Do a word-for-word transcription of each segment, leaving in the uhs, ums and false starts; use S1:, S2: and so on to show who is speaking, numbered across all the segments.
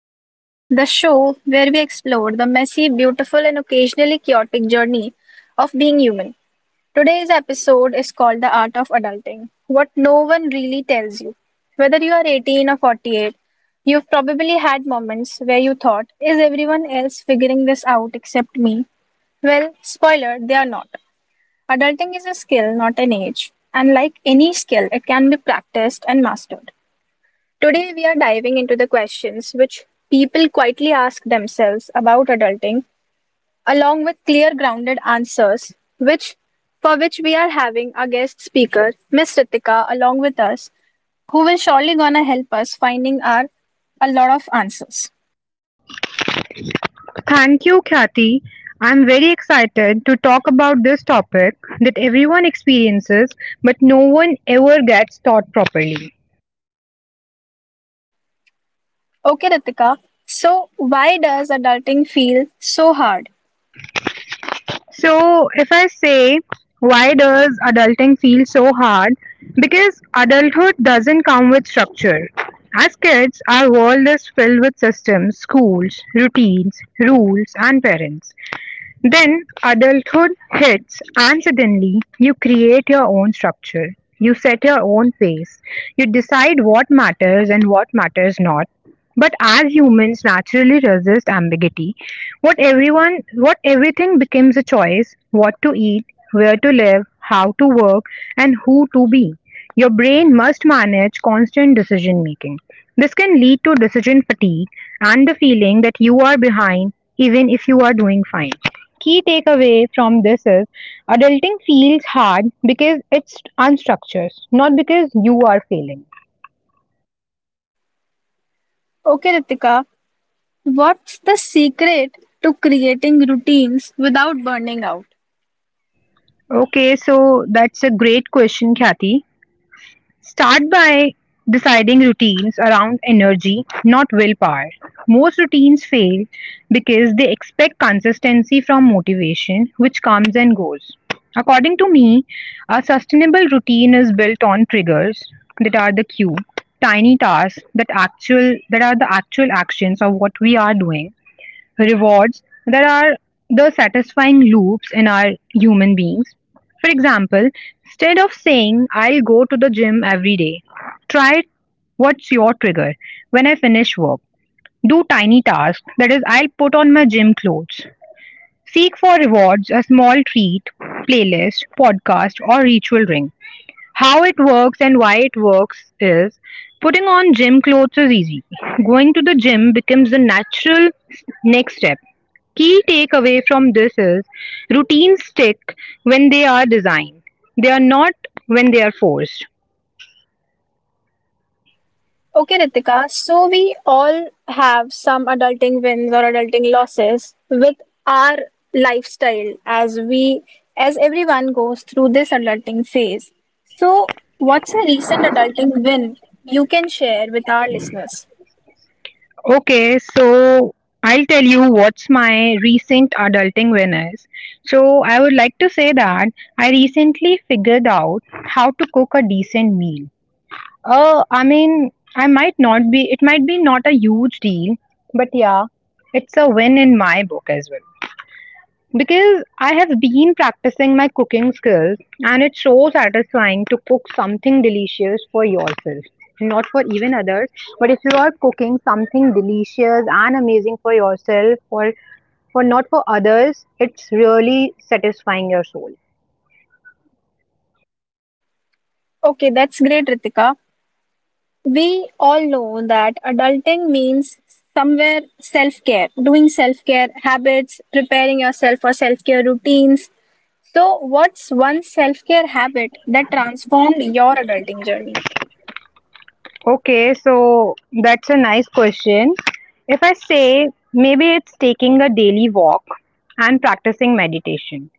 S1: podcast, the show where we explore the messy, beautiful, and occasionally chaotic journey of being human. Today's episode is called The Art of Adulting: What No One Really Tells You. Whether you are eighteen or forty-eight, you've probably had moments where you thought, is everyone else figuring this out except me? Well, spoiler, they are not. Adulting is a skill, not an age. And like any skill, it can be practiced and mastered. Today, we are diving into the questions which people quietly ask themselves about adulting, along with clear, grounded answers, which for which we are having our guest speaker, Miss Ritika, along with us, who will surely gonna help us finding our a lot of answers.
S2: Thank you, Khyati. I'm very excited to talk about this topic that everyone experiences, but no one ever gets taught properly.
S1: Okay, Ritika. So, why does adulting feel so hard?
S2: So, if I say, why does adulting feel so hard? Because adulthood doesn't come with structure. As kids, our world is filled with systems, schools, routines, rules, and parents. Then adulthood hits, and suddenly you create your own structure. You set your own pace. You decide what matters and what matters not. But as humans naturally resist ambiguity, what everyone, what everything becomes a choice: what to eat, where to live, how to work, and who to be. Your brain must manage constant decision making. This can lead to decision fatigue and the feeling that you are behind even if you are doing fine. Key takeaway from this is adulting feels hard because it's unstructured, not because you are failing.
S1: Okay, Ritika. What's the secret to creating routines without burning out?
S2: Okay, so that's a great question, Kathy. Start by deciding routines around energy, not willpower. Most routines fail because they expect consistency from motivation, which comes and goes. According to me, a sustainable routine is built on triggers that are the cue, tiny tasks that actual that are the actual actions of what we are doing, rewards that are the satisfying loops in our human beings. For example, instead of saying, I'll go to the gym every day, try what's your trigger when I finish work. Do tiny tasks, that is, I'll put on my gym clothes. Seek for rewards, a small treat, playlist, podcast, or ritual ring. How it works and why it works is putting on gym clothes is easy. Going to the gym becomes the natural next step. Key takeaway from this is routines stick when they are designed, they are not when they are forced.
S1: Okay, Ritika. So we all have some adulting wins or adulting losses with our lifestyle as we as everyone goes through this adulting phase. So what's a recent adulting win you can share with our listeners?
S2: Okay, so I'll tell you what's my recent adulting win is. So I would like to say that I recently figured out how to cook a decent meal. Uh, I mean, I might not be, it might be not a huge deal, but yeah, it's a win in my book as well. Because I have been practicing my cooking skills, and it's so satisfying to cook something delicious for yourself, not for even others. But if you are cooking something delicious and amazing for yourself, or for not for others, it's really satisfying your soul.
S1: Okay, that's great, Ritika. We all know that adulting means somewhere self care, doing self care habits, preparing yourself for self care routines. So, what's one self care habit that transformed your adulting journey?
S2: Okay, so that's a nice question. If I say maybe it's taking a daily walk and practicing meditation,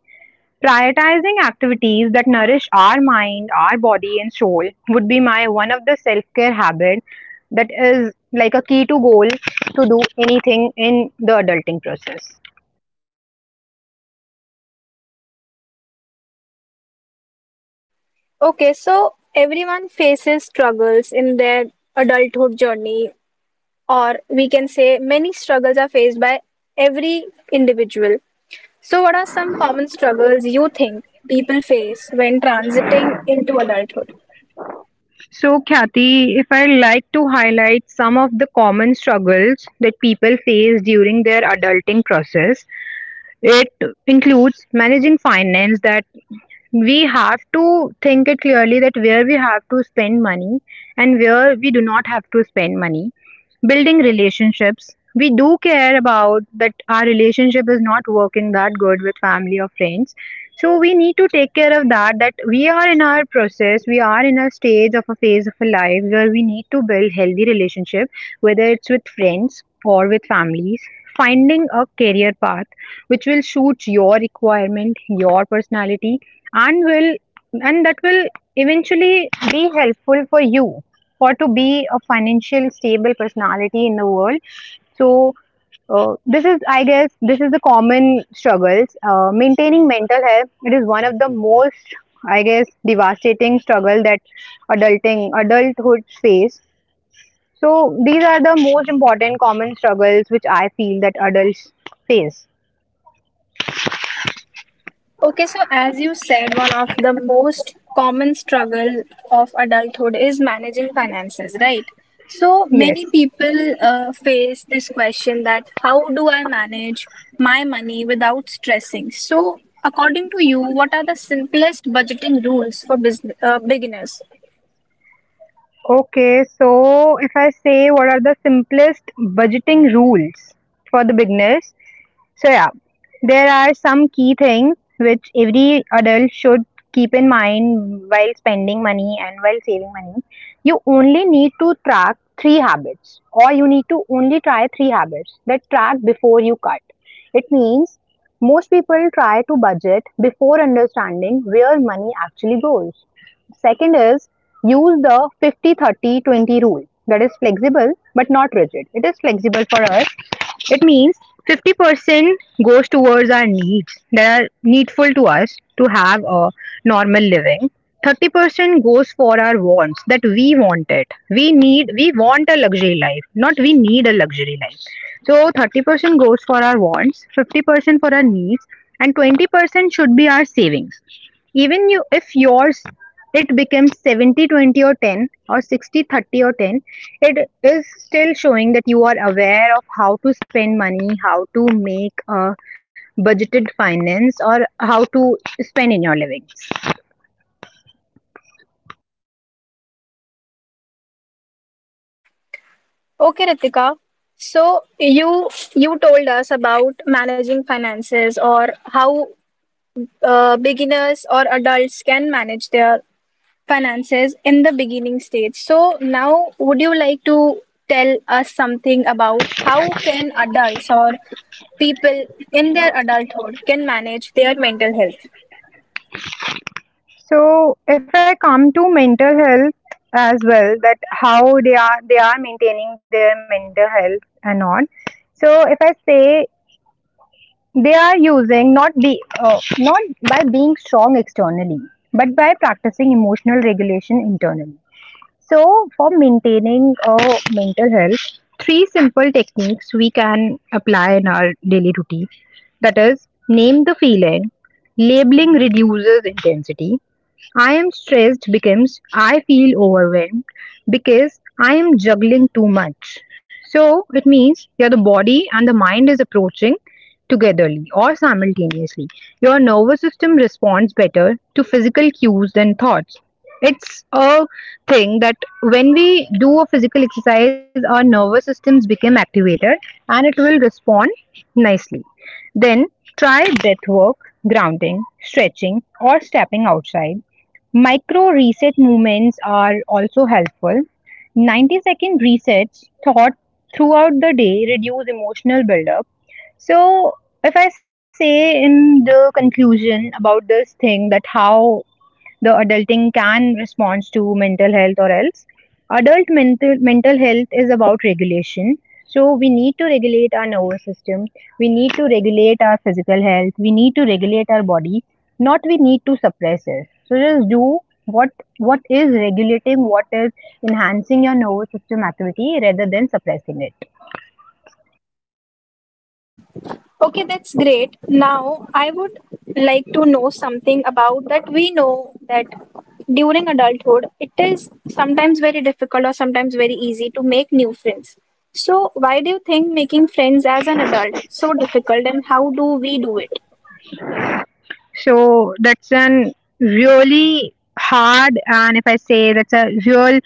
S2: prioritizing activities that nourish our mind, our body, and soul would be my one of the self care habit that is like a key to goal to do anything in the adulting process.
S1: Okay, so everyone faces struggles in their adulthood journey, or we can say many struggles are faced by every individual. So, what are some common struggles you think people face when transiting into adulthood?
S2: So, Khyati, if I like to highlight some of the common struggles that people face during their adulting process, it includes managing finance, that we have to think it clearly that where we have to spend money and where we do not have to spend money. Building relationships. We do care about that our relationship is not working that good with family or friends. So we need to take care of that, that we are in our process, we are in a stage of a phase of a life where we need to build healthy relationship, whether it's with friends or with families. Finding a career path which will suit your requirement, your personality, and will and that will eventually be helpful for you for to be a financial stable personality in the world. So, uh, this is, I guess, this is the common struggles. Uh, maintaining mental health, it is one of the most, I guess, devastating struggle that adulting adulthood face. So these are the most important common struggles which I feel that adults face.
S1: Okay, so as you said, one of the most common struggle of adulthood is managing finances, right? So
S2: Yes.
S1: many people uh, face this question that how do I manage my money without stressing? So according to you, what are the simplest budgeting rules for business uh, beginners?
S2: Okay, so if I say what are the simplest budgeting rules for the beginners, so yeah, there are some key things which every adult should keep in mind while spending money and while saving money. You only need to track three habits, or you need to only try three habits that track before you cut. It means most people try to budget before understanding where money actually goes. Second is, use the fifty thirty twenty rule that is flexible but not rigid, it is flexible for us. It means fifty percent goes towards our needs that are needful to us to have a normal living. thirty percent goes for our wants that we want it. We need, we want a luxury life, not we need a luxury life. So thirty percent goes for our wants, fifty percent for our needs, and twenty percent should be our savings. Even you, if yours it becomes seventy twenty or ten or sixty thirty or ten, it is still showing that you are aware of how to spend money, how to make a budgeted finance, or how to spend in your living.
S1: Okay, Ritika. So you you told us about managing finances or how uh, beginners or adults can manage their finances in the beginning stage. So now would you like to tell us something about how can adults or people in their adulthood can manage their mental health?
S2: So, if I come to mental health as well, that how they are they are maintaining their mental health and all. So, if I say they are using not be uh, not by being strong externally, but by practicing emotional regulation internally. So, for maintaining a mental health, three simple techniques we can apply in our daily routine. That is, name the feeling. Labeling reduces intensity. I am stressed becomes I feel overwhelmed because I am juggling too much. So it means your the body and the mind is approaching togetherly or simultaneously. Your nervous system responds better to physical cues than thoughts. It's a thing that when we do a physical exercise, our nervous systems become activated and it will respond nicely. Then try breath work, grounding, stretching, or stepping outside. Micro reset movements are also helpful. ninety second resets thought throughout the day reduce emotional buildup. So, if I say in the conclusion about this thing, that how the adulting can respond to mental health, or else adult mental mental health is about regulation. So we need to regulate our nervous system, we need to regulate our physical health, we need to regulate our body, not we need to suppress it. So just do what what is regulating, what is enhancing your nervous system activity rather than suppressing it.
S1: Okay, that's great. Now I would like to know something about that we know that during adulthood it is sometimes very difficult or sometimes very easy to make new friends. So why do you think making friends as an adult so difficult and how do we do it?
S2: So that's an really hard, and if I say that's a real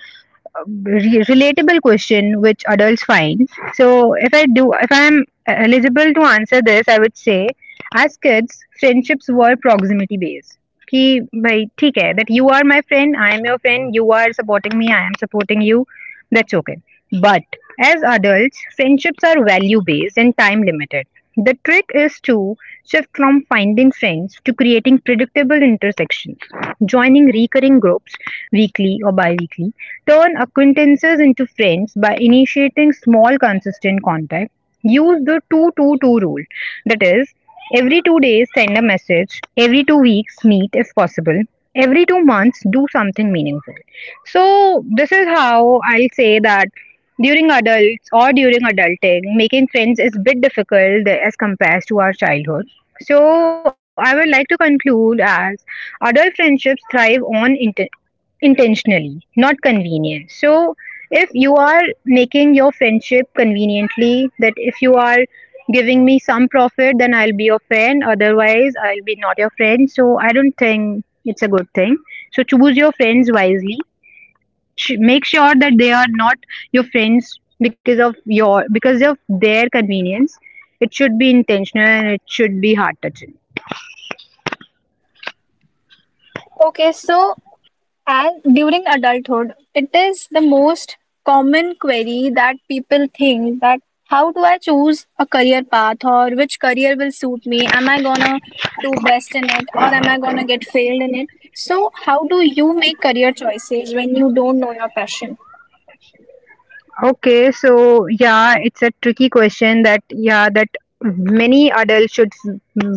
S2: uh, re- relatable question which adults find. So if I do if I'm eligible to answer this, I would say as kids friendships were proximity based. कि भाई ठीक है that you are my friend, I am your friend, you are supporting me, I am supporting you. That's okay. But as adults, friendships are value based and time limited. The trick is to shift from finding friends to creating predictable intersections, joining recurring groups weekly or bi weekly, turn acquaintances into friends by initiating small consistent contact, use the two two two rule that is, every two days send a message, every two weeks meet if possible, every two months do something meaningful. So, this is how I'll say that during adults or during adulting, making friends is bit difficult as compared to our childhood. So, I would like to conclude as adult friendships thrive on inten- intentionally, not convenience. So, if you are making your friendship conveniently, that if you are giving me some profit, then I'll be your friend, otherwise, I'll be not your friend. So, I don't think it's a good thing. So, choose your friends wisely, sh- make sure that they are not your friends because of your because of their convenience. It should be intentional and it should be heart touching.
S1: Okay, so as during adulthood, it is the most common query that people think that how do I choose a career path or which career will suit me? Am I gonna do best in it or am I gonna get failed in it? So how do you make career choices when you don't know your passion?
S2: Okay, so yeah, it's a tricky question that yeah, that many adults should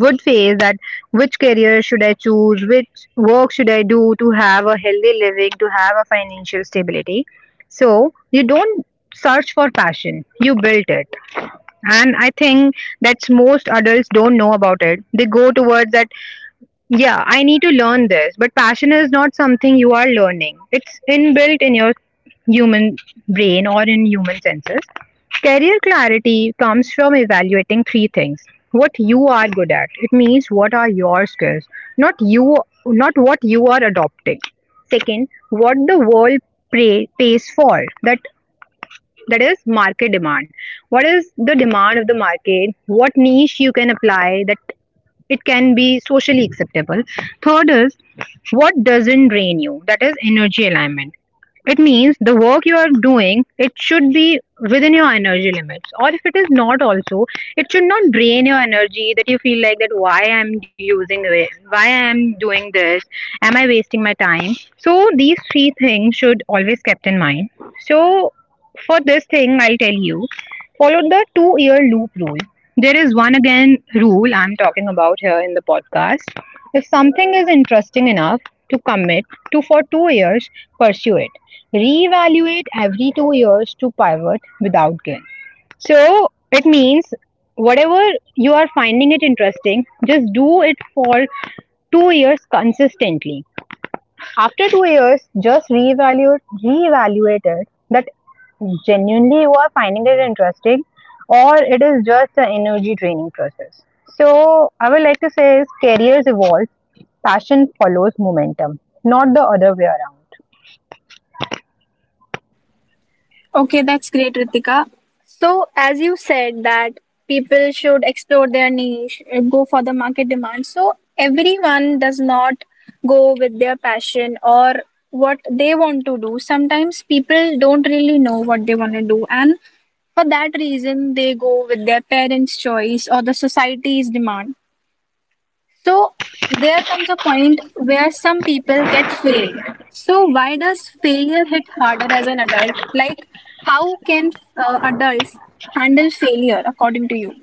S2: would face that which career should I choose, which work should I do to have a healthy living, to have a financial stability. So you don't search for passion, you built it. And I think that's most adults don't know about it, they go towards that yeah, I need to learn this, but passion is not something you are learning, it's inbuilt in your human brain or in human senses. Career clarity comes from evaluating three things. What you are good at, it means what are your skills, not you, not what you are adopting. Second, what the world pray, pays for, that that is market demand. What is the demand of the market, what niche you can apply, that it can be socially acceptable. Third is what doesn't drain you, that is energy alignment. It means the work you are doing, it should be within your energy limits, or if it is not also, it should not drain your energy, that you feel like that why I'm using this, why I'm doing this, am I wasting my time. So these three things should always kept in mind. So for this thing, I'll tell you, follow the two year loop rule. There is one again rule I'm talking about here in the podcast. If something is interesting enough to commit to for two years, pursue it. Reevaluate every two years to pivot without guilt. So it means whatever you are finding it interesting, just do it for two years consistently. After two years, just reevaluate, reevaluate it that genuinely you are finding it interesting, or it is just an energy draining process. So, I would like to say is careers evolve, passion follows momentum, not the other way around.
S1: Okay, that's great, Ritika. So, as you said that people should explore their niche, uh, go for the market demand. So, everyone does not go with their passion or what they want to do. Sometimes people don't really know what they want to do, and for that reason, they go with their parents' choice or the society's demand. So there comes a point where some people get failed. So why does failure hit harder as an adult? Like how can uh, adults handle failure according to you?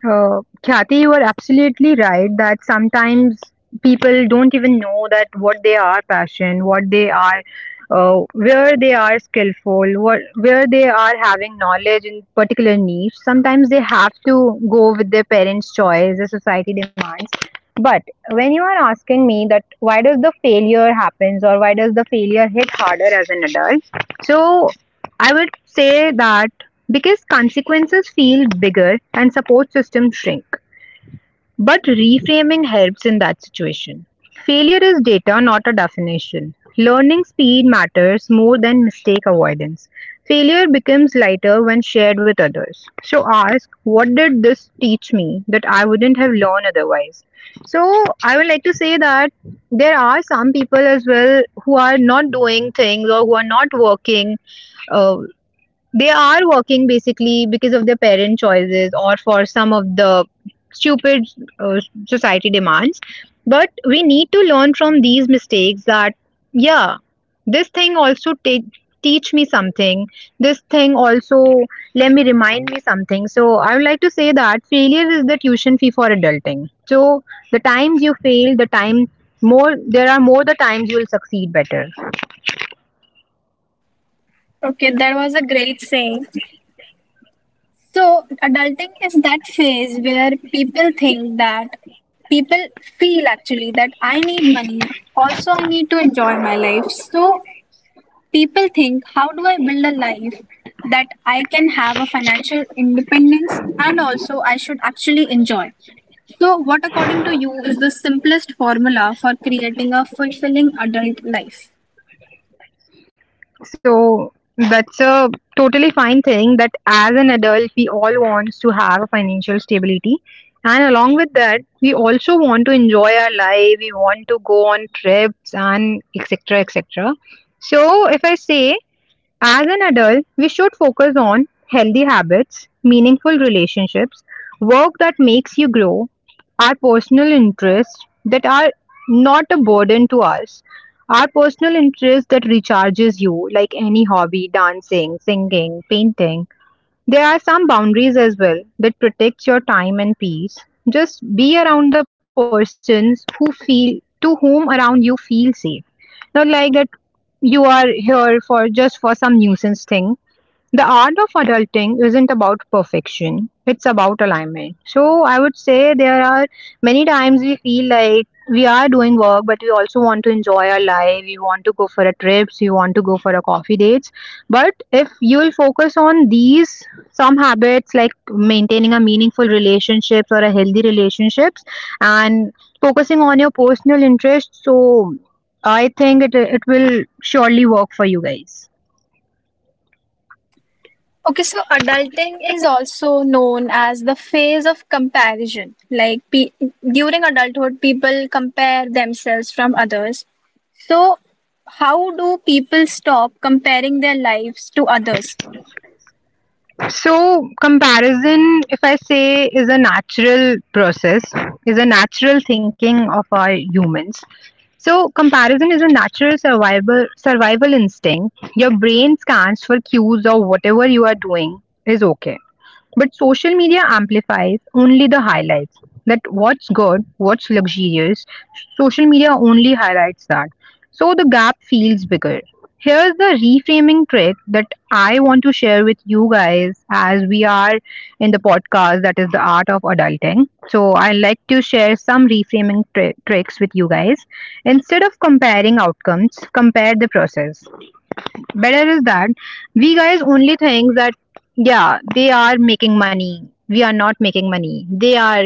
S2: Uh, Kathy, you are absolutely right that sometimes people don't even know that what they are passion, what they are, uh, where they are skillful, what where they are having knowledge in particular niche. Sometimes they have to go with their parents' choice, the society demands. But when you are asking me that why does the failure happens or why does the failure hit harder as an adult, so I would say that because consequences feel bigger and support systems shrink. But reframing helps in that situation. Failure is data, not a definition. Learning speed matters more than mistake avoidance. Failure becomes lighter when shared with others. So ask, what did this teach me that I wouldn't have learned otherwise? So I would like to say that there are some people as well who are not doing things or who are not working, uh, they are working basically because of their parent choices or for some of the stupid, uh, society demands, but we need to learn from these mistakes that yeah, this thing also ta- teach me something, this thing also let me remind me something. So I would like to say that failure is the tuition fee for adulting. So the times you fail, the time more, there are more the times you will succeed better.
S1: Okay, that was a great saying. So adulting is that phase where people think that people feel actually that I need money. Also, I need to enjoy my life. So people think, how do I build a life that I can have a financial independence and also I should actually enjoy? So, what according to you is the simplest formula for creating a fulfilling adult life?
S2: So that's a totally fine thing that as an adult we all wants to have a financial stability, and along with that we also want to enjoy our life, we want to go on trips and etc etc. So if I say, as an adult, we should focus on healthy habits, meaningful relationships, work that makes you grow, our personal interests that are not a burden to us, our personal interests that recharges you, like any hobby, dancing, singing, painting. There are some boundaries as well that protects your time and peace. Just be around the persons who feel to whom around you feel safe. Not like that you are here for just for some nuisance thing. The art of adulting isn't about perfection, it's about alignment. So, I would say there are many times we feel like we are doing work, but we also want to enjoy our life. We want to go for a trips, we want to go for a coffee dates. But if you will focus on these some habits like maintaining a meaningful relationships or a healthy relationships, and focusing on your personal interests, so I think it it will surely work for you guys.
S1: Okay, so adulting is also known as the phase of comparison. Like pe- during adulthood, people compare themselves from others. So, how do people stop comparing their lives to others?
S2: So, comparison, if I say, is a natural process, is a natural thinking of our humans. So, comparison is a natural survival survival instinct. Your brain scans for cues or whatever you are doing is okay. But social media amplifies only the highlights. That what's good, what's luxurious, social media only highlights that. So the gap feels bigger. Here's the reframing trick that I want to share with you guys as we are in the podcast that is the art of adulting. So, I like to share some reframing tri- tricks with you guys. Instead of comparing outcomes, compare the process. Better is that we guys only think that yeah, they are making money, we are not making money, they are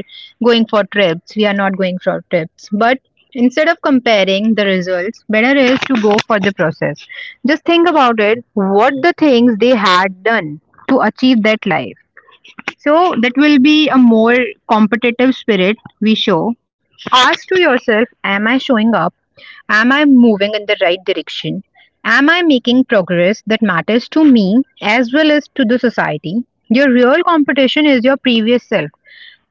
S2: going for trips, we are not going for trips. But instead of comparing the results, better is to go for the process. Just think about it, what the things they had done to achieve that life. So that will be a more competitive spirit we show. Ask to yourself, am I showing up? Am I moving in the right direction? Am I making progress that matters to me as well as to the society? Your real competition is your previous self,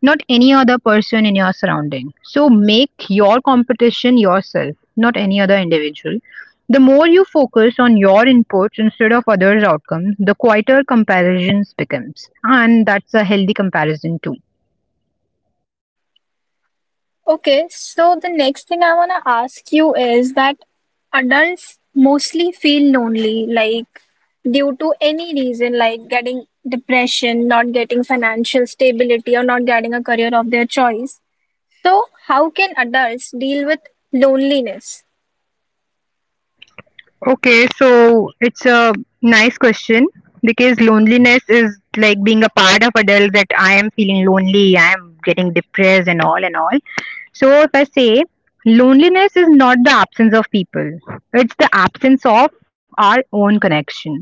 S2: not any other person in your surrounding. So make your competition yourself, not any other individual. The more you focus on your inputs instead of others' outcomes, the quieter comparisons becomes. And that's a healthy comparison too.
S1: Okay, so the next thing I want to ask you is that adults mostly feel lonely, like due to any reason, like getting depression, not getting financial stability, or not getting a career of their choice. So, how can adults deal with loneliness?
S2: Okay, so it's a nice question because loneliness is like being a part of adult that I am feeling lonely, I am getting depressed and all and all. So if I say, loneliness is not the absence of people, it's the absence of our own connections.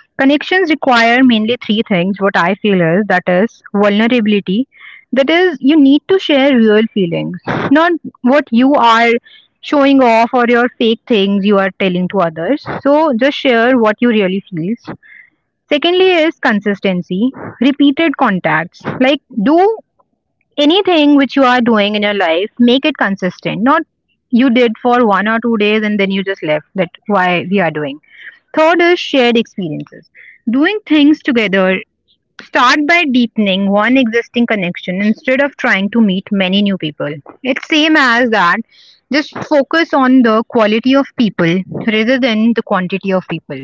S2: Connections require mainly three things what I feel is that is vulnerability, that is you need to share real feelings, not what you are showing off or your fake things you are telling to others. So just share what you really feel. Secondly is consistency, repeated contacts. Like do anything which you are doing in your life, make it consistent. Not you did for one or two days and then you just left. That why we are doing. Third is shared experiences. Doing things together. Start by deepening one existing connection instead of trying to meet many new people. It's same as that. Just focus on the quality of people rather than the quantity of people.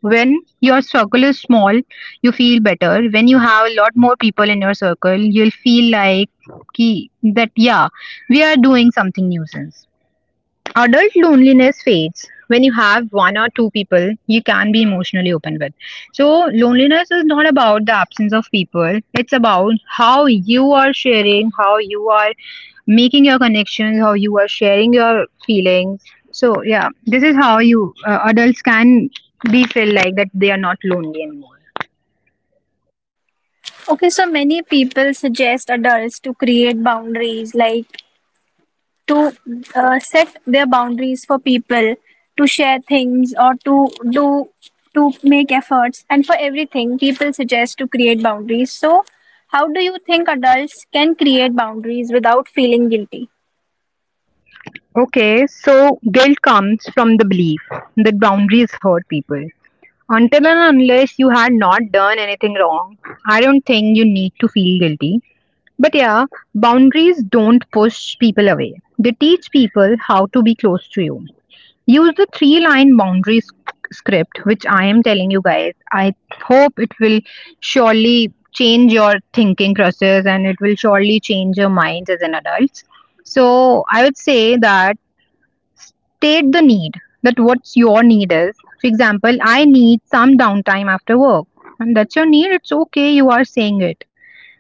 S2: When your circle is small, you feel better. When you have a lot more people in your circle, you'll feel like ki, that yeah, we are doing something nuisance. Adult loneliness fades when you have one or two people you can be emotionally open with. So loneliness is not about the absence of people, it's about how you are sharing, how you are making your connections, how you are sharing your feelings. So yeah, this is how you uh, adults can be feel like that they are not lonely anymore.
S1: Okay, so many people suggest adults to create boundaries, like to uh, set their boundaries for people to share things or to do to make efforts, and for everything people suggest to create boundaries. So how do you think adults can create boundaries without feeling guilty?
S2: Okay, so guilt comes from the belief that boundaries hurt people. Until and unless you had not done anything wrong, I don't think you need to feel guilty. But yeah, boundaries don't push people away. They teach people how to be close to you. Use the three line boundaries script, which I am telling you guys. I hope it will surely change your thinking process and it will surely change your mind as an adult. So I would say that state the need, that what's your need is. For example, I need some downtime after work. And that's your need, it's okay, you are saying it.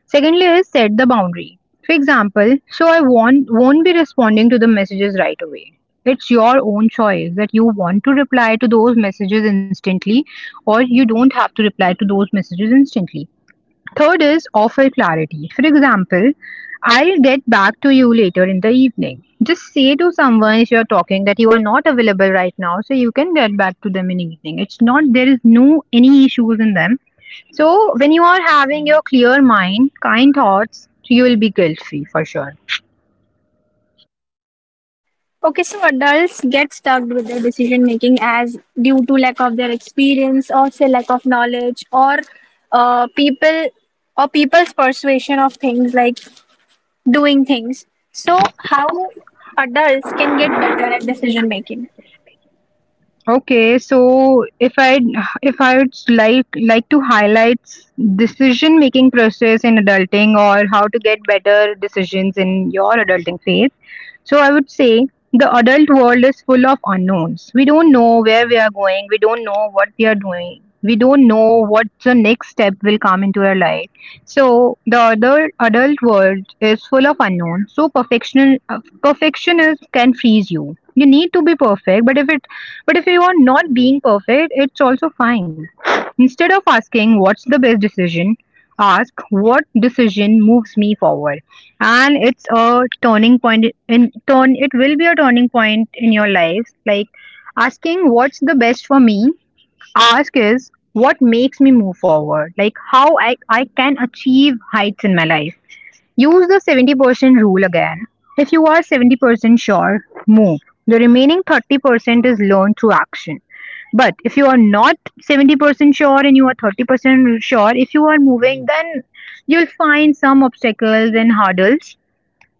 S2: Secondly, is set the boundary. For example, so I won't, won't be responding to the messages right away. It's your own choice that you want to reply to those messages instantly, or you don't have to reply to those messages instantly. Third is offer clarity. For example, I'll get back to you later in the evening. Just say to someone if you're talking that you are not available right now, so you can get back to them in evening. It's not there is no any issues in them. So when you are having your clear mind, kind thoughts, you will be guilt free for sure.
S1: Okay, so adults get stuck with their decision making as due to lack of their experience or say lack of knowledge, or uh, people or people's persuasion of things like doing things. So, how adults can get better at decision making?
S2: Okay, so if I if I would like like to highlight decision making process in adulting or how to get better decisions in your adulting phase. So I would say the adult world is full of unknowns. We don't know where we are going. We don't know what we are doing. We don't know what the next step will come into our life. So the other adult world is full of unknowns. So perfection uh, perfectionists can freeze you. You need to be perfect, but if it but if you are not being perfect, it's also fine. Instead of asking what's the best decision, ask what decision moves me forward. And it's a turning point in turn it will be a turning point in your life. Like asking what's the best for me, ask is what makes me move forward? Like how I, I can achieve heights in my life. Use the seventy percent rule again. If you are seventy percent sure, move. The remaining thirty percent is learned through action. But if you are not seventy percent sure and you are thirty percent sure, if you are moving, then you'll find some obstacles and hurdles.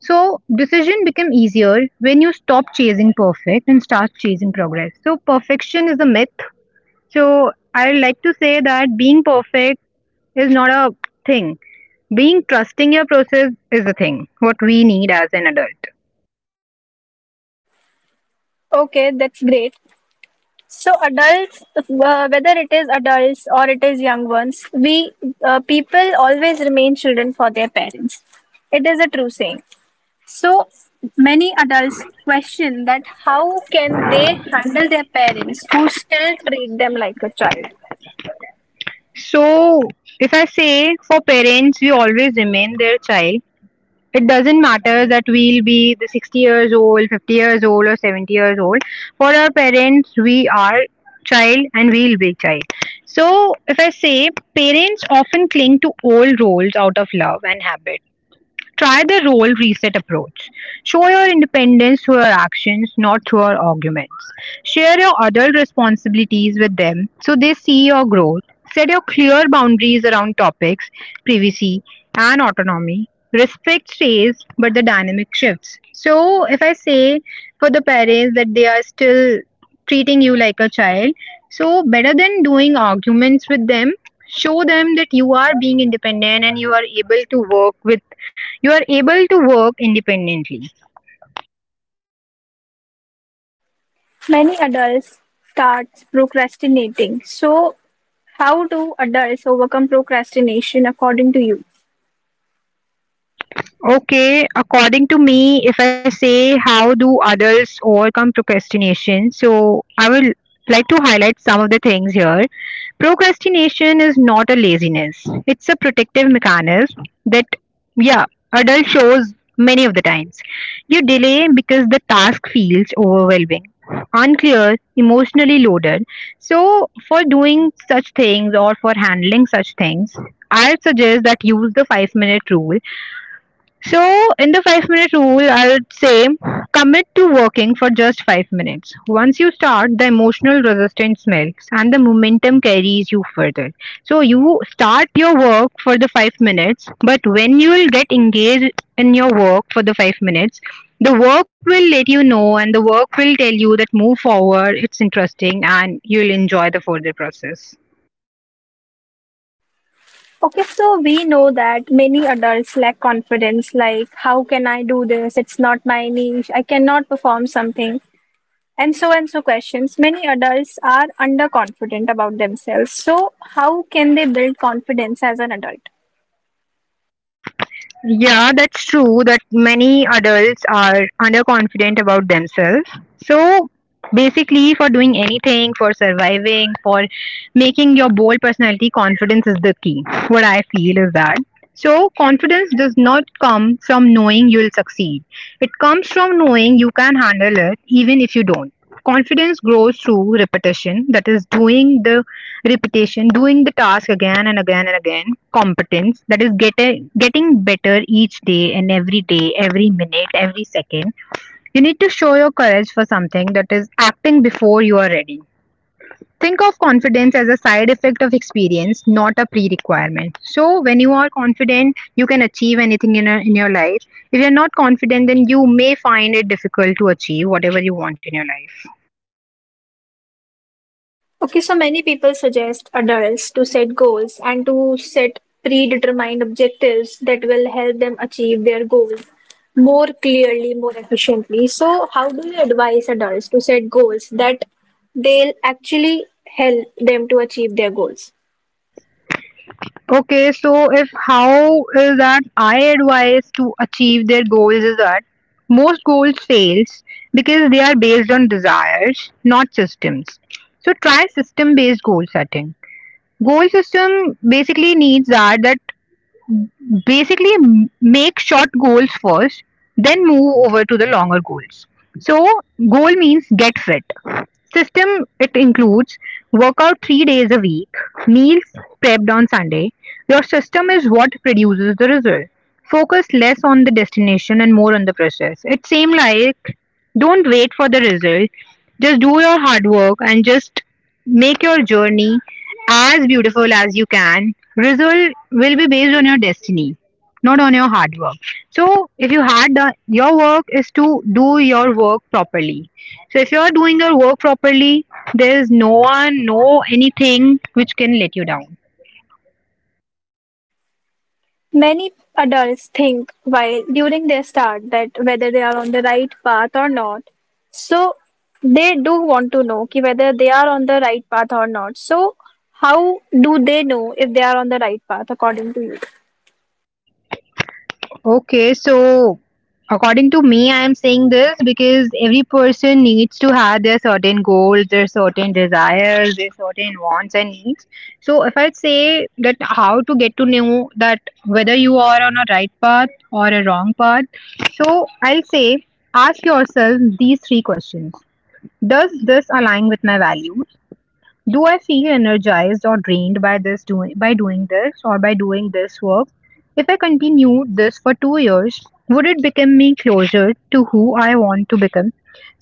S2: So, decision become easier when you stop chasing perfect and start chasing progress. So, perfection is a myth. So I like to say that being perfect is not a thing. Being trusting your process is a thing, what we need as an adult.
S1: Okay, that's great. So, adults, uh, whether it is adults or it is young ones, we uh, people always remain children for their parents. It is a true saying. So, many adults question that how can they handle their parents who still treat them like a child?
S2: So if I say for parents, we always remain their child. It doesn't matter that we'll be the sixty years old, fifty years old, or seventy years old. For our parents, we are child and we'll be child. So if I say parents often cling to old roles out of love and habit. Try the role reset approach. Show your independence through your actions, not through your arguments. Share your adult responsibilities with them so they see your growth. Set your clear boundaries around topics, privacy, and autonomy. Respect stays, but the dynamic shifts. So, if I say for the parents that they are still treating you like a child, so better than doing arguments with them, show them that you are being independent and you are able to work with you are able to work independently.
S1: Many adults start procrastinating. So, how do adults overcome procrastination according to you?
S2: Okay, according to me, if I say how do adults overcome procrastination, so I will like to highlight some of the things here. Procrastination is not a laziness, it's a protective mechanism that, yeah, adult shows many of the times. You delay because the task feels overwhelming, unclear, emotionally loaded. So, for doing such things or for handling such things, I suggest that use the five minute rule, so in the five minute rule, I would say commit to working for just five minutes. Once you start, the emotional resistance melts and the momentum carries you further. So, you start your work for the five minutes, but when you will get engaged in your work for the five minutes, the work will let you know and the work will tell you that move forward, it's interesting, and you'll enjoy the further process.
S1: Okay, so we know that many adults lack confidence, like, how can I do this? It's not my niche. I cannot perform something. And so and so questions. Many adults are underconfident about themselves. So, how can they build confidence as an adult?
S2: Yeah, that's true that many adults are underconfident about themselves. So basically for doing anything, for surviving, for making your bold personality, confidence is the key. What I feel is that. So confidence does not come from knowing you'll succeed. It comes from knowing you can handle it even if you don't. Confidence grows through repetition, that is doing the repetition doing the task again and again and again, competence, that is get a, getting better each day and every day, every minute, every second. You need to show your courage for something, that is acting before you are ready. Think of confidence as a side effect of experience, not a pre-requirement. So when you are confident, you can achieve anything in, a, in your life. If you're not confident, then you may find it difficult to achieve whatever you want in your life.
S1: Okay, so many people suggest adults to set goals and to set predetermined objectives that will help them achieve their goals more clearly, more efficiently. So, how do you advise adults to set goals that they'll actually help them to achieve their goals?
S2: Okay, so if how is that I advise to achieve their goals is that most goals fails because they are based on desires, not systems. So try system based goal setting. Goal system basically needs that that basically make short goals first, then move over to the longer goals. So, goal means get fit. System, it includes workout three days a week, meals prepped on Sunday. Your system is what produces the result. Focus less on the destination and more on the process. It seems like don't wait for the result, just do your hard work and just make your journey as beautiful as you can, result will be based on your destiny, not on your hard work. So, if you had done your work, is to do your work properly. So, if you are doing your work properly, there is no one, no anything which can let you down.
S1: Many adults think while during their start that whether they are on the right path or not. So they do want to know ki whether they are on the right path or not. So how do they know if they are on the right path according to you?
S2: Okay, so according to me, I am saying this because every person needs to have their certain goals, their certain desires, their certain wants and needs. So if I say that how to get to know that whether you are on a right path or a wrong path, so I'll say ask yourself these three questions. Does this align with my values? Do I feel energized or drained by this doing by doing this or by doing this work? If I continued this for two years, would it become me closer to who I want to become?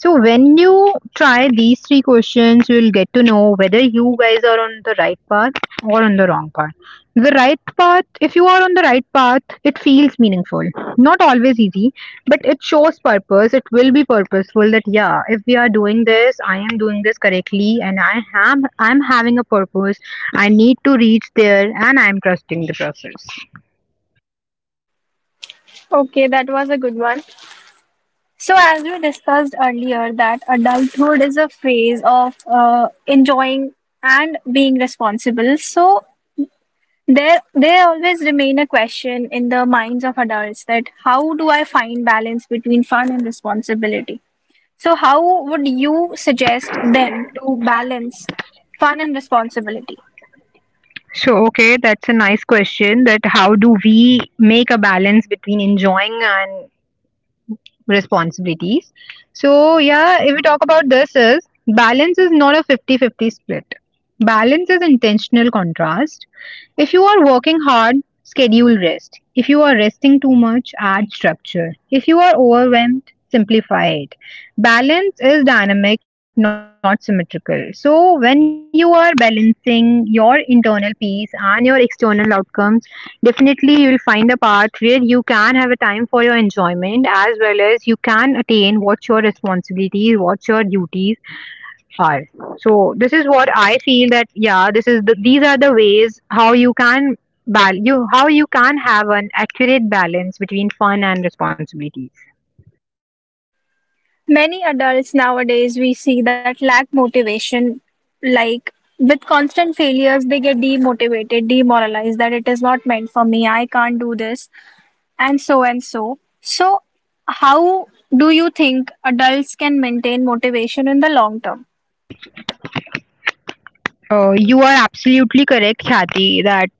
S2: So when you try these three questions, you'll get to know whether you guys are on the right path or on the wrong path. The right path, if you are on the right path, it feels meaningful, not always easy, but it shows purpose. It will be purposeful. That yeah, if we are doing this, I am doing this correctly, and i am I'm having a purpose. I need to reach there and I'm trusting the process.
S1: Okay, that was a good one. So, as we discussed earlier, that adulthood is a phase of uh, enjoying and being responsible. So, There, there always remain a question in the minds of adults that how do I find balance between fun and responsibility? So, how would you suggest them to balance fun and responsibility?
S2: So okay, that's a nice question, that how do we make a balance between enjoying and responsibilities. So, yeah, if we talk about this, is balance is not a fifty-fifty split. Balance is intentional contrast. If you are working hard, schedule rest. If you are resting too much, add structure. If you are overwhelmed, simplify it. Balance is dynamic, not symmetrical. So when you are balancing your internal peace and your external outcomes, definitely you will find a path where you can have a time for your enjoyment, as well as you can attain what your responsibilities, what your duties are. So this is what I feel, that yeah, this is the, these are the ways how you can bal- you how you can have an accurate balance between fun and responsibilities.
S1: Many adults nowadays we see that lack motivation, like with constant failures, they get demotivated, demoralized that it is not meant for me, I can't do this, and so and so. So, how do you think adults can maintain motivation in the long term?
S2: Uh, you are absolutely correct, Khyati, that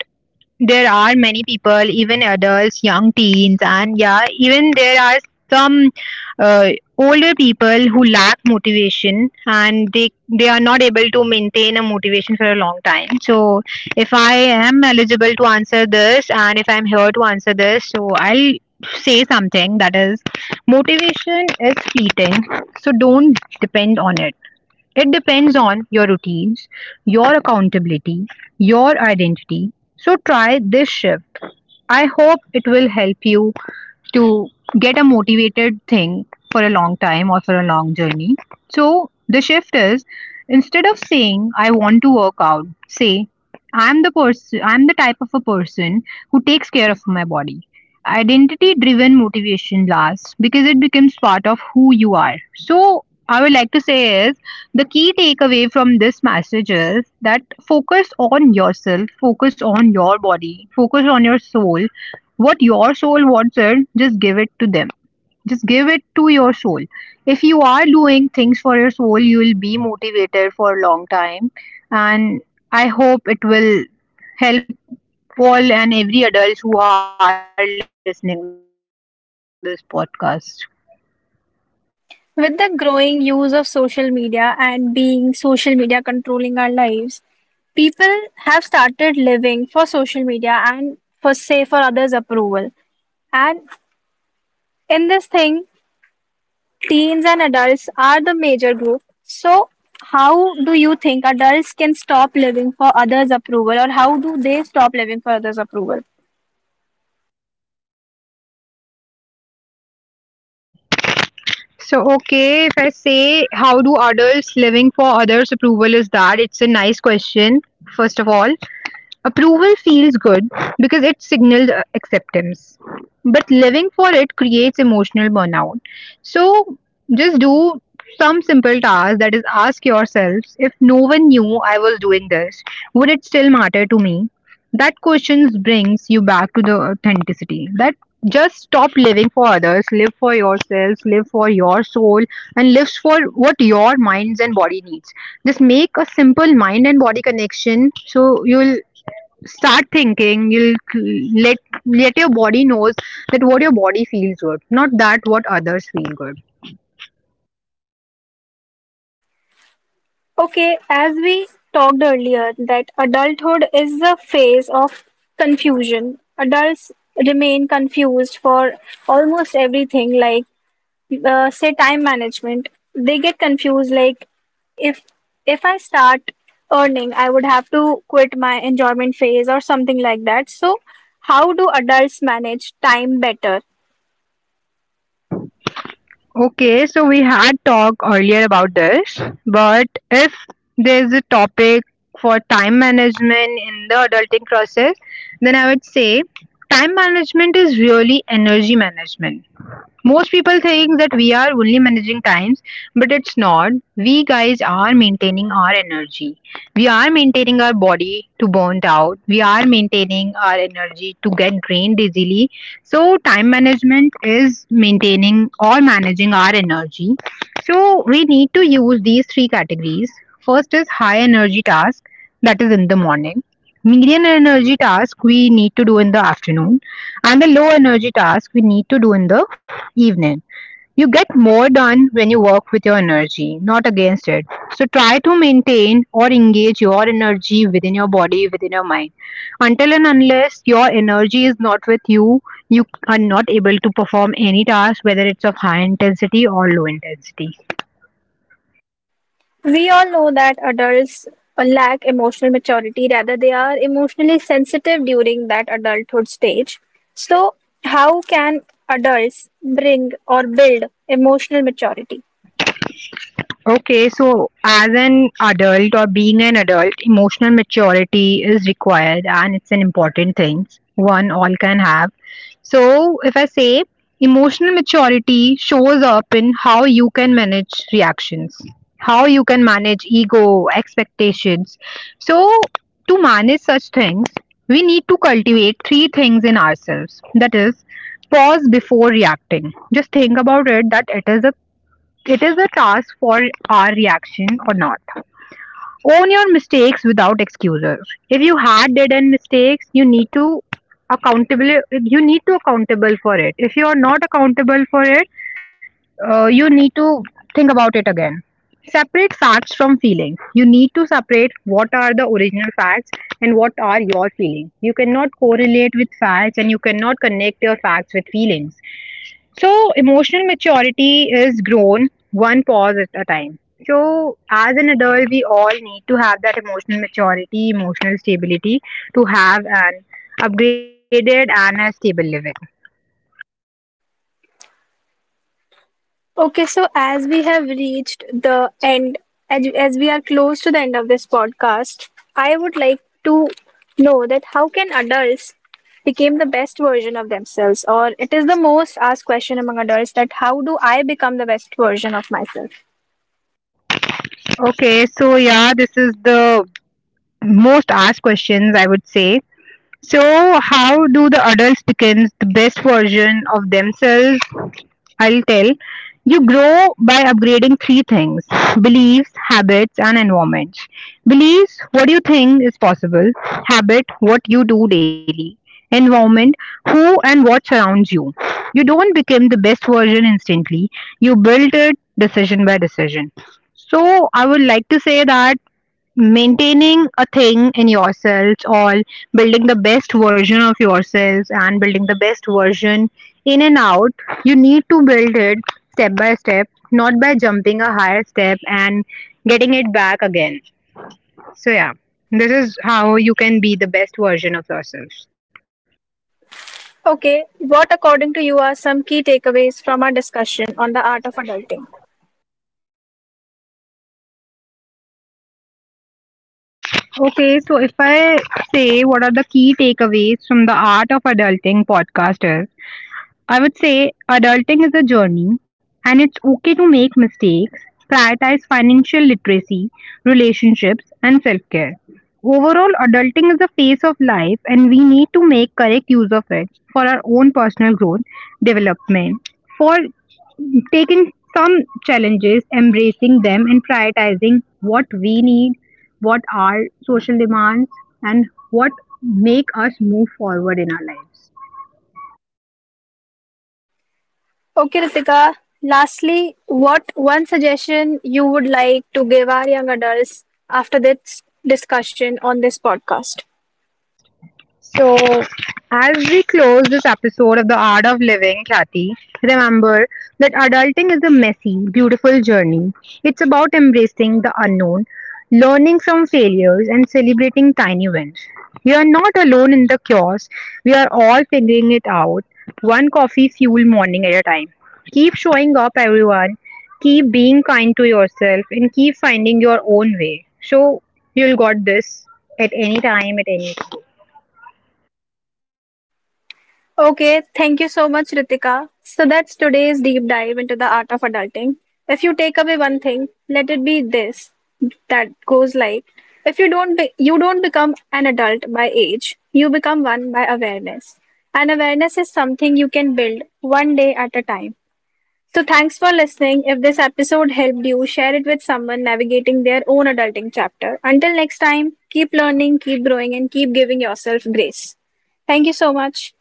S2: there are many people, even adults, young teens, and yeah, even there are some uh, older people who lack motivation and they they are not able to maintain a motivation for a long time. So if I am eligible to answer this, and if I'm here to answer this, so I'll say something, that is motivation is fleeting, so don't depend on it. It depends on your routines, your accountability, your identity. So try this shift. I hope it will help you to get a motivated thing for a long time or for a long journey. So the shift is, instead of saying I want to work out, say I'm the person I'm the type of a person who takes care of my body. Identity driven motivation lasts because it becomes part of who you are. So I would like to say is, the key takeaway from this message is that focus on yourself, focus on your body, focus on your soul. What your soul wants it, just give it to them. Just give it to your soul. If you are doing things for your soul, you will be motivated for a long time. And I hope it will help all and every adults who are listening to this podcast.
S1: With the growing use of social media and being social media controlling our lives, people have started living for social media and for say for others' approval, and in this thing teens and adults are the major group. So how do you think adults can stop living for others' approval, or how do they stop living for others' approval?
S2: So, okay, if I say, how do adults living for others' approval is that? It's a nice question, first of all. Approval feels good because it signals uh, acceptance, but living for it creates emotional burnout. So just do some simple task, that is ask yourselves, if no one knew I was doing this, would it still matter to me? That question brings you back to the authenticity. That just stop living for others, live for yourselves, live for your soul, and live for what your minds and body needs. Just make a simple mind and body connection. So you'll start thinking. You'll let let your body knows that what your body feels good, not that what others feel good.
S1: Okay, as we talked earlier, that adulthood is a phase of confusion. Adults remain confused for almost everything, like uh, say time management. They get confused, like if if I start earning, I would have to quit my enjoyment phase or something like that. So, how do adults manage time better?
S2: Okay, so we had talked earlier about this, but if there's a topic for time management in the adulting process, then I would say time management is really energy management. Most people think that we are only managing times, but it's not. We guys are maintaining our energy. We are maintaining our body to burn out. We are maintaining our energy to get drained easily. So, time management is maintaining or managing our energy. So, we need to use these three categories. First is high energy task, that is in the morning. Medium energy task we need to do in the afternoon, and the low energy task we need to do in the evening. You get more done when you work with your energy, not against it. So try to maintain or engage your energy within your body, within your mind. Until and unless your energy is not with you, you are not able to perform any task, whether it's of high intensity or low intensity.
S1: We all know that adults uh, lack emotional maturity, rather, they are emotionally sensitive during that adulthood stage. So, how can adults bring or build emotional maturity?
S2: Okay, so as an adult or being an adult, emotional maturity is required and it's an important thing. One all can have. So, if I say emotional maturity shows up in how you can manage reactions, how you can manage ego, expectations. So, to manage such things, we need to cultivate three things in ourselves. That is, pause before reacting. Just think about it, that it is a it is a task for our reaction or not. Own your mistakes without excuses. If you had did an mistakes, you need to accountable. You need to accountable for it. If you are not accountable for it, uh, you need to think about it again. Separate facts from feelings. You need to separate what are the original facts and what are your feelings. You cannot correlate with facts and you cannot connect your facts with feelings. So, emotional maturity is grown one pause at a time. So, as an adult, we all need to have that emotional maturity, emotional stability to have an upgraded and a stable living.
S1: Okay, so as we have reached the end, as, as we are close to the end of this podcast, I would like to know that how can adults become the best version of themselves, or it is the most asked question among adults that how do I become the best version of myself?
S2: Okay, so yeah, this is the most asked questions, I would say. So, how do the adults become the best version of themselves, I'll tell. You grow by upgrading three things: beliefs, habits, and environment. Beliefs, what you think is possible. Habit, what you do daily. Environment, who and what surrounds you. You don't become the best version instantly, you build it decision by decision. So, I would like to say that maintaining a thing in yourselves, or building the best version of yourselves, and building the best version in and out, you need to build it step by step, not by jumping a higher step and getting it back again. So yeah, this is how you can be the best version of yourselves.
S1: Okay, what according to you are some key takeaways from our discussion on the art of adulting?
S2: Okay, so if I say what are the key takeaways from the art of adulting podcast is, I would say adulting is a journey and it's okay to make mistakes. Prioritize financial literacy, relationships, and self care. Overall, adulting is a phase of life and we need to make correct use of it for our own personal growth, development, for taking some challenges, embracing them, and prioritizing what we need, what are social demands, and what make us move forward in our lives.
S1: Okay, Ritika, lastly, what one suggestion you would like to give our young adults after this discussion on this podcast?
S2: So, as we close this episode of The Art of Living, Kathy, remember that adulting is a messy, beautiful journey. It's about embracing the unknown, learning from failures, and celebrating tiny wins. You are not alone in the chaos. We are all figuring it out, one coffee fuel morning at a time. Keep showing up, everyone. Keep being kind to yourself and keep finding your own way. So, you'll got this at any time, at any
S1: Okay, thank you so much, Ritika. So that's today's deep dive into the art of adulting. If you take away one thing, let it be this, that goes like, if you don't be- you don't become an adult by age, you become one by awareness. And awareness is something you can build one day at a time. So thanks for listening. If this episode helped you, share it with someone navigating their own adulting chapter. Until next time, keep learning, keep growing and keep giving yourself grace. Thank you so much.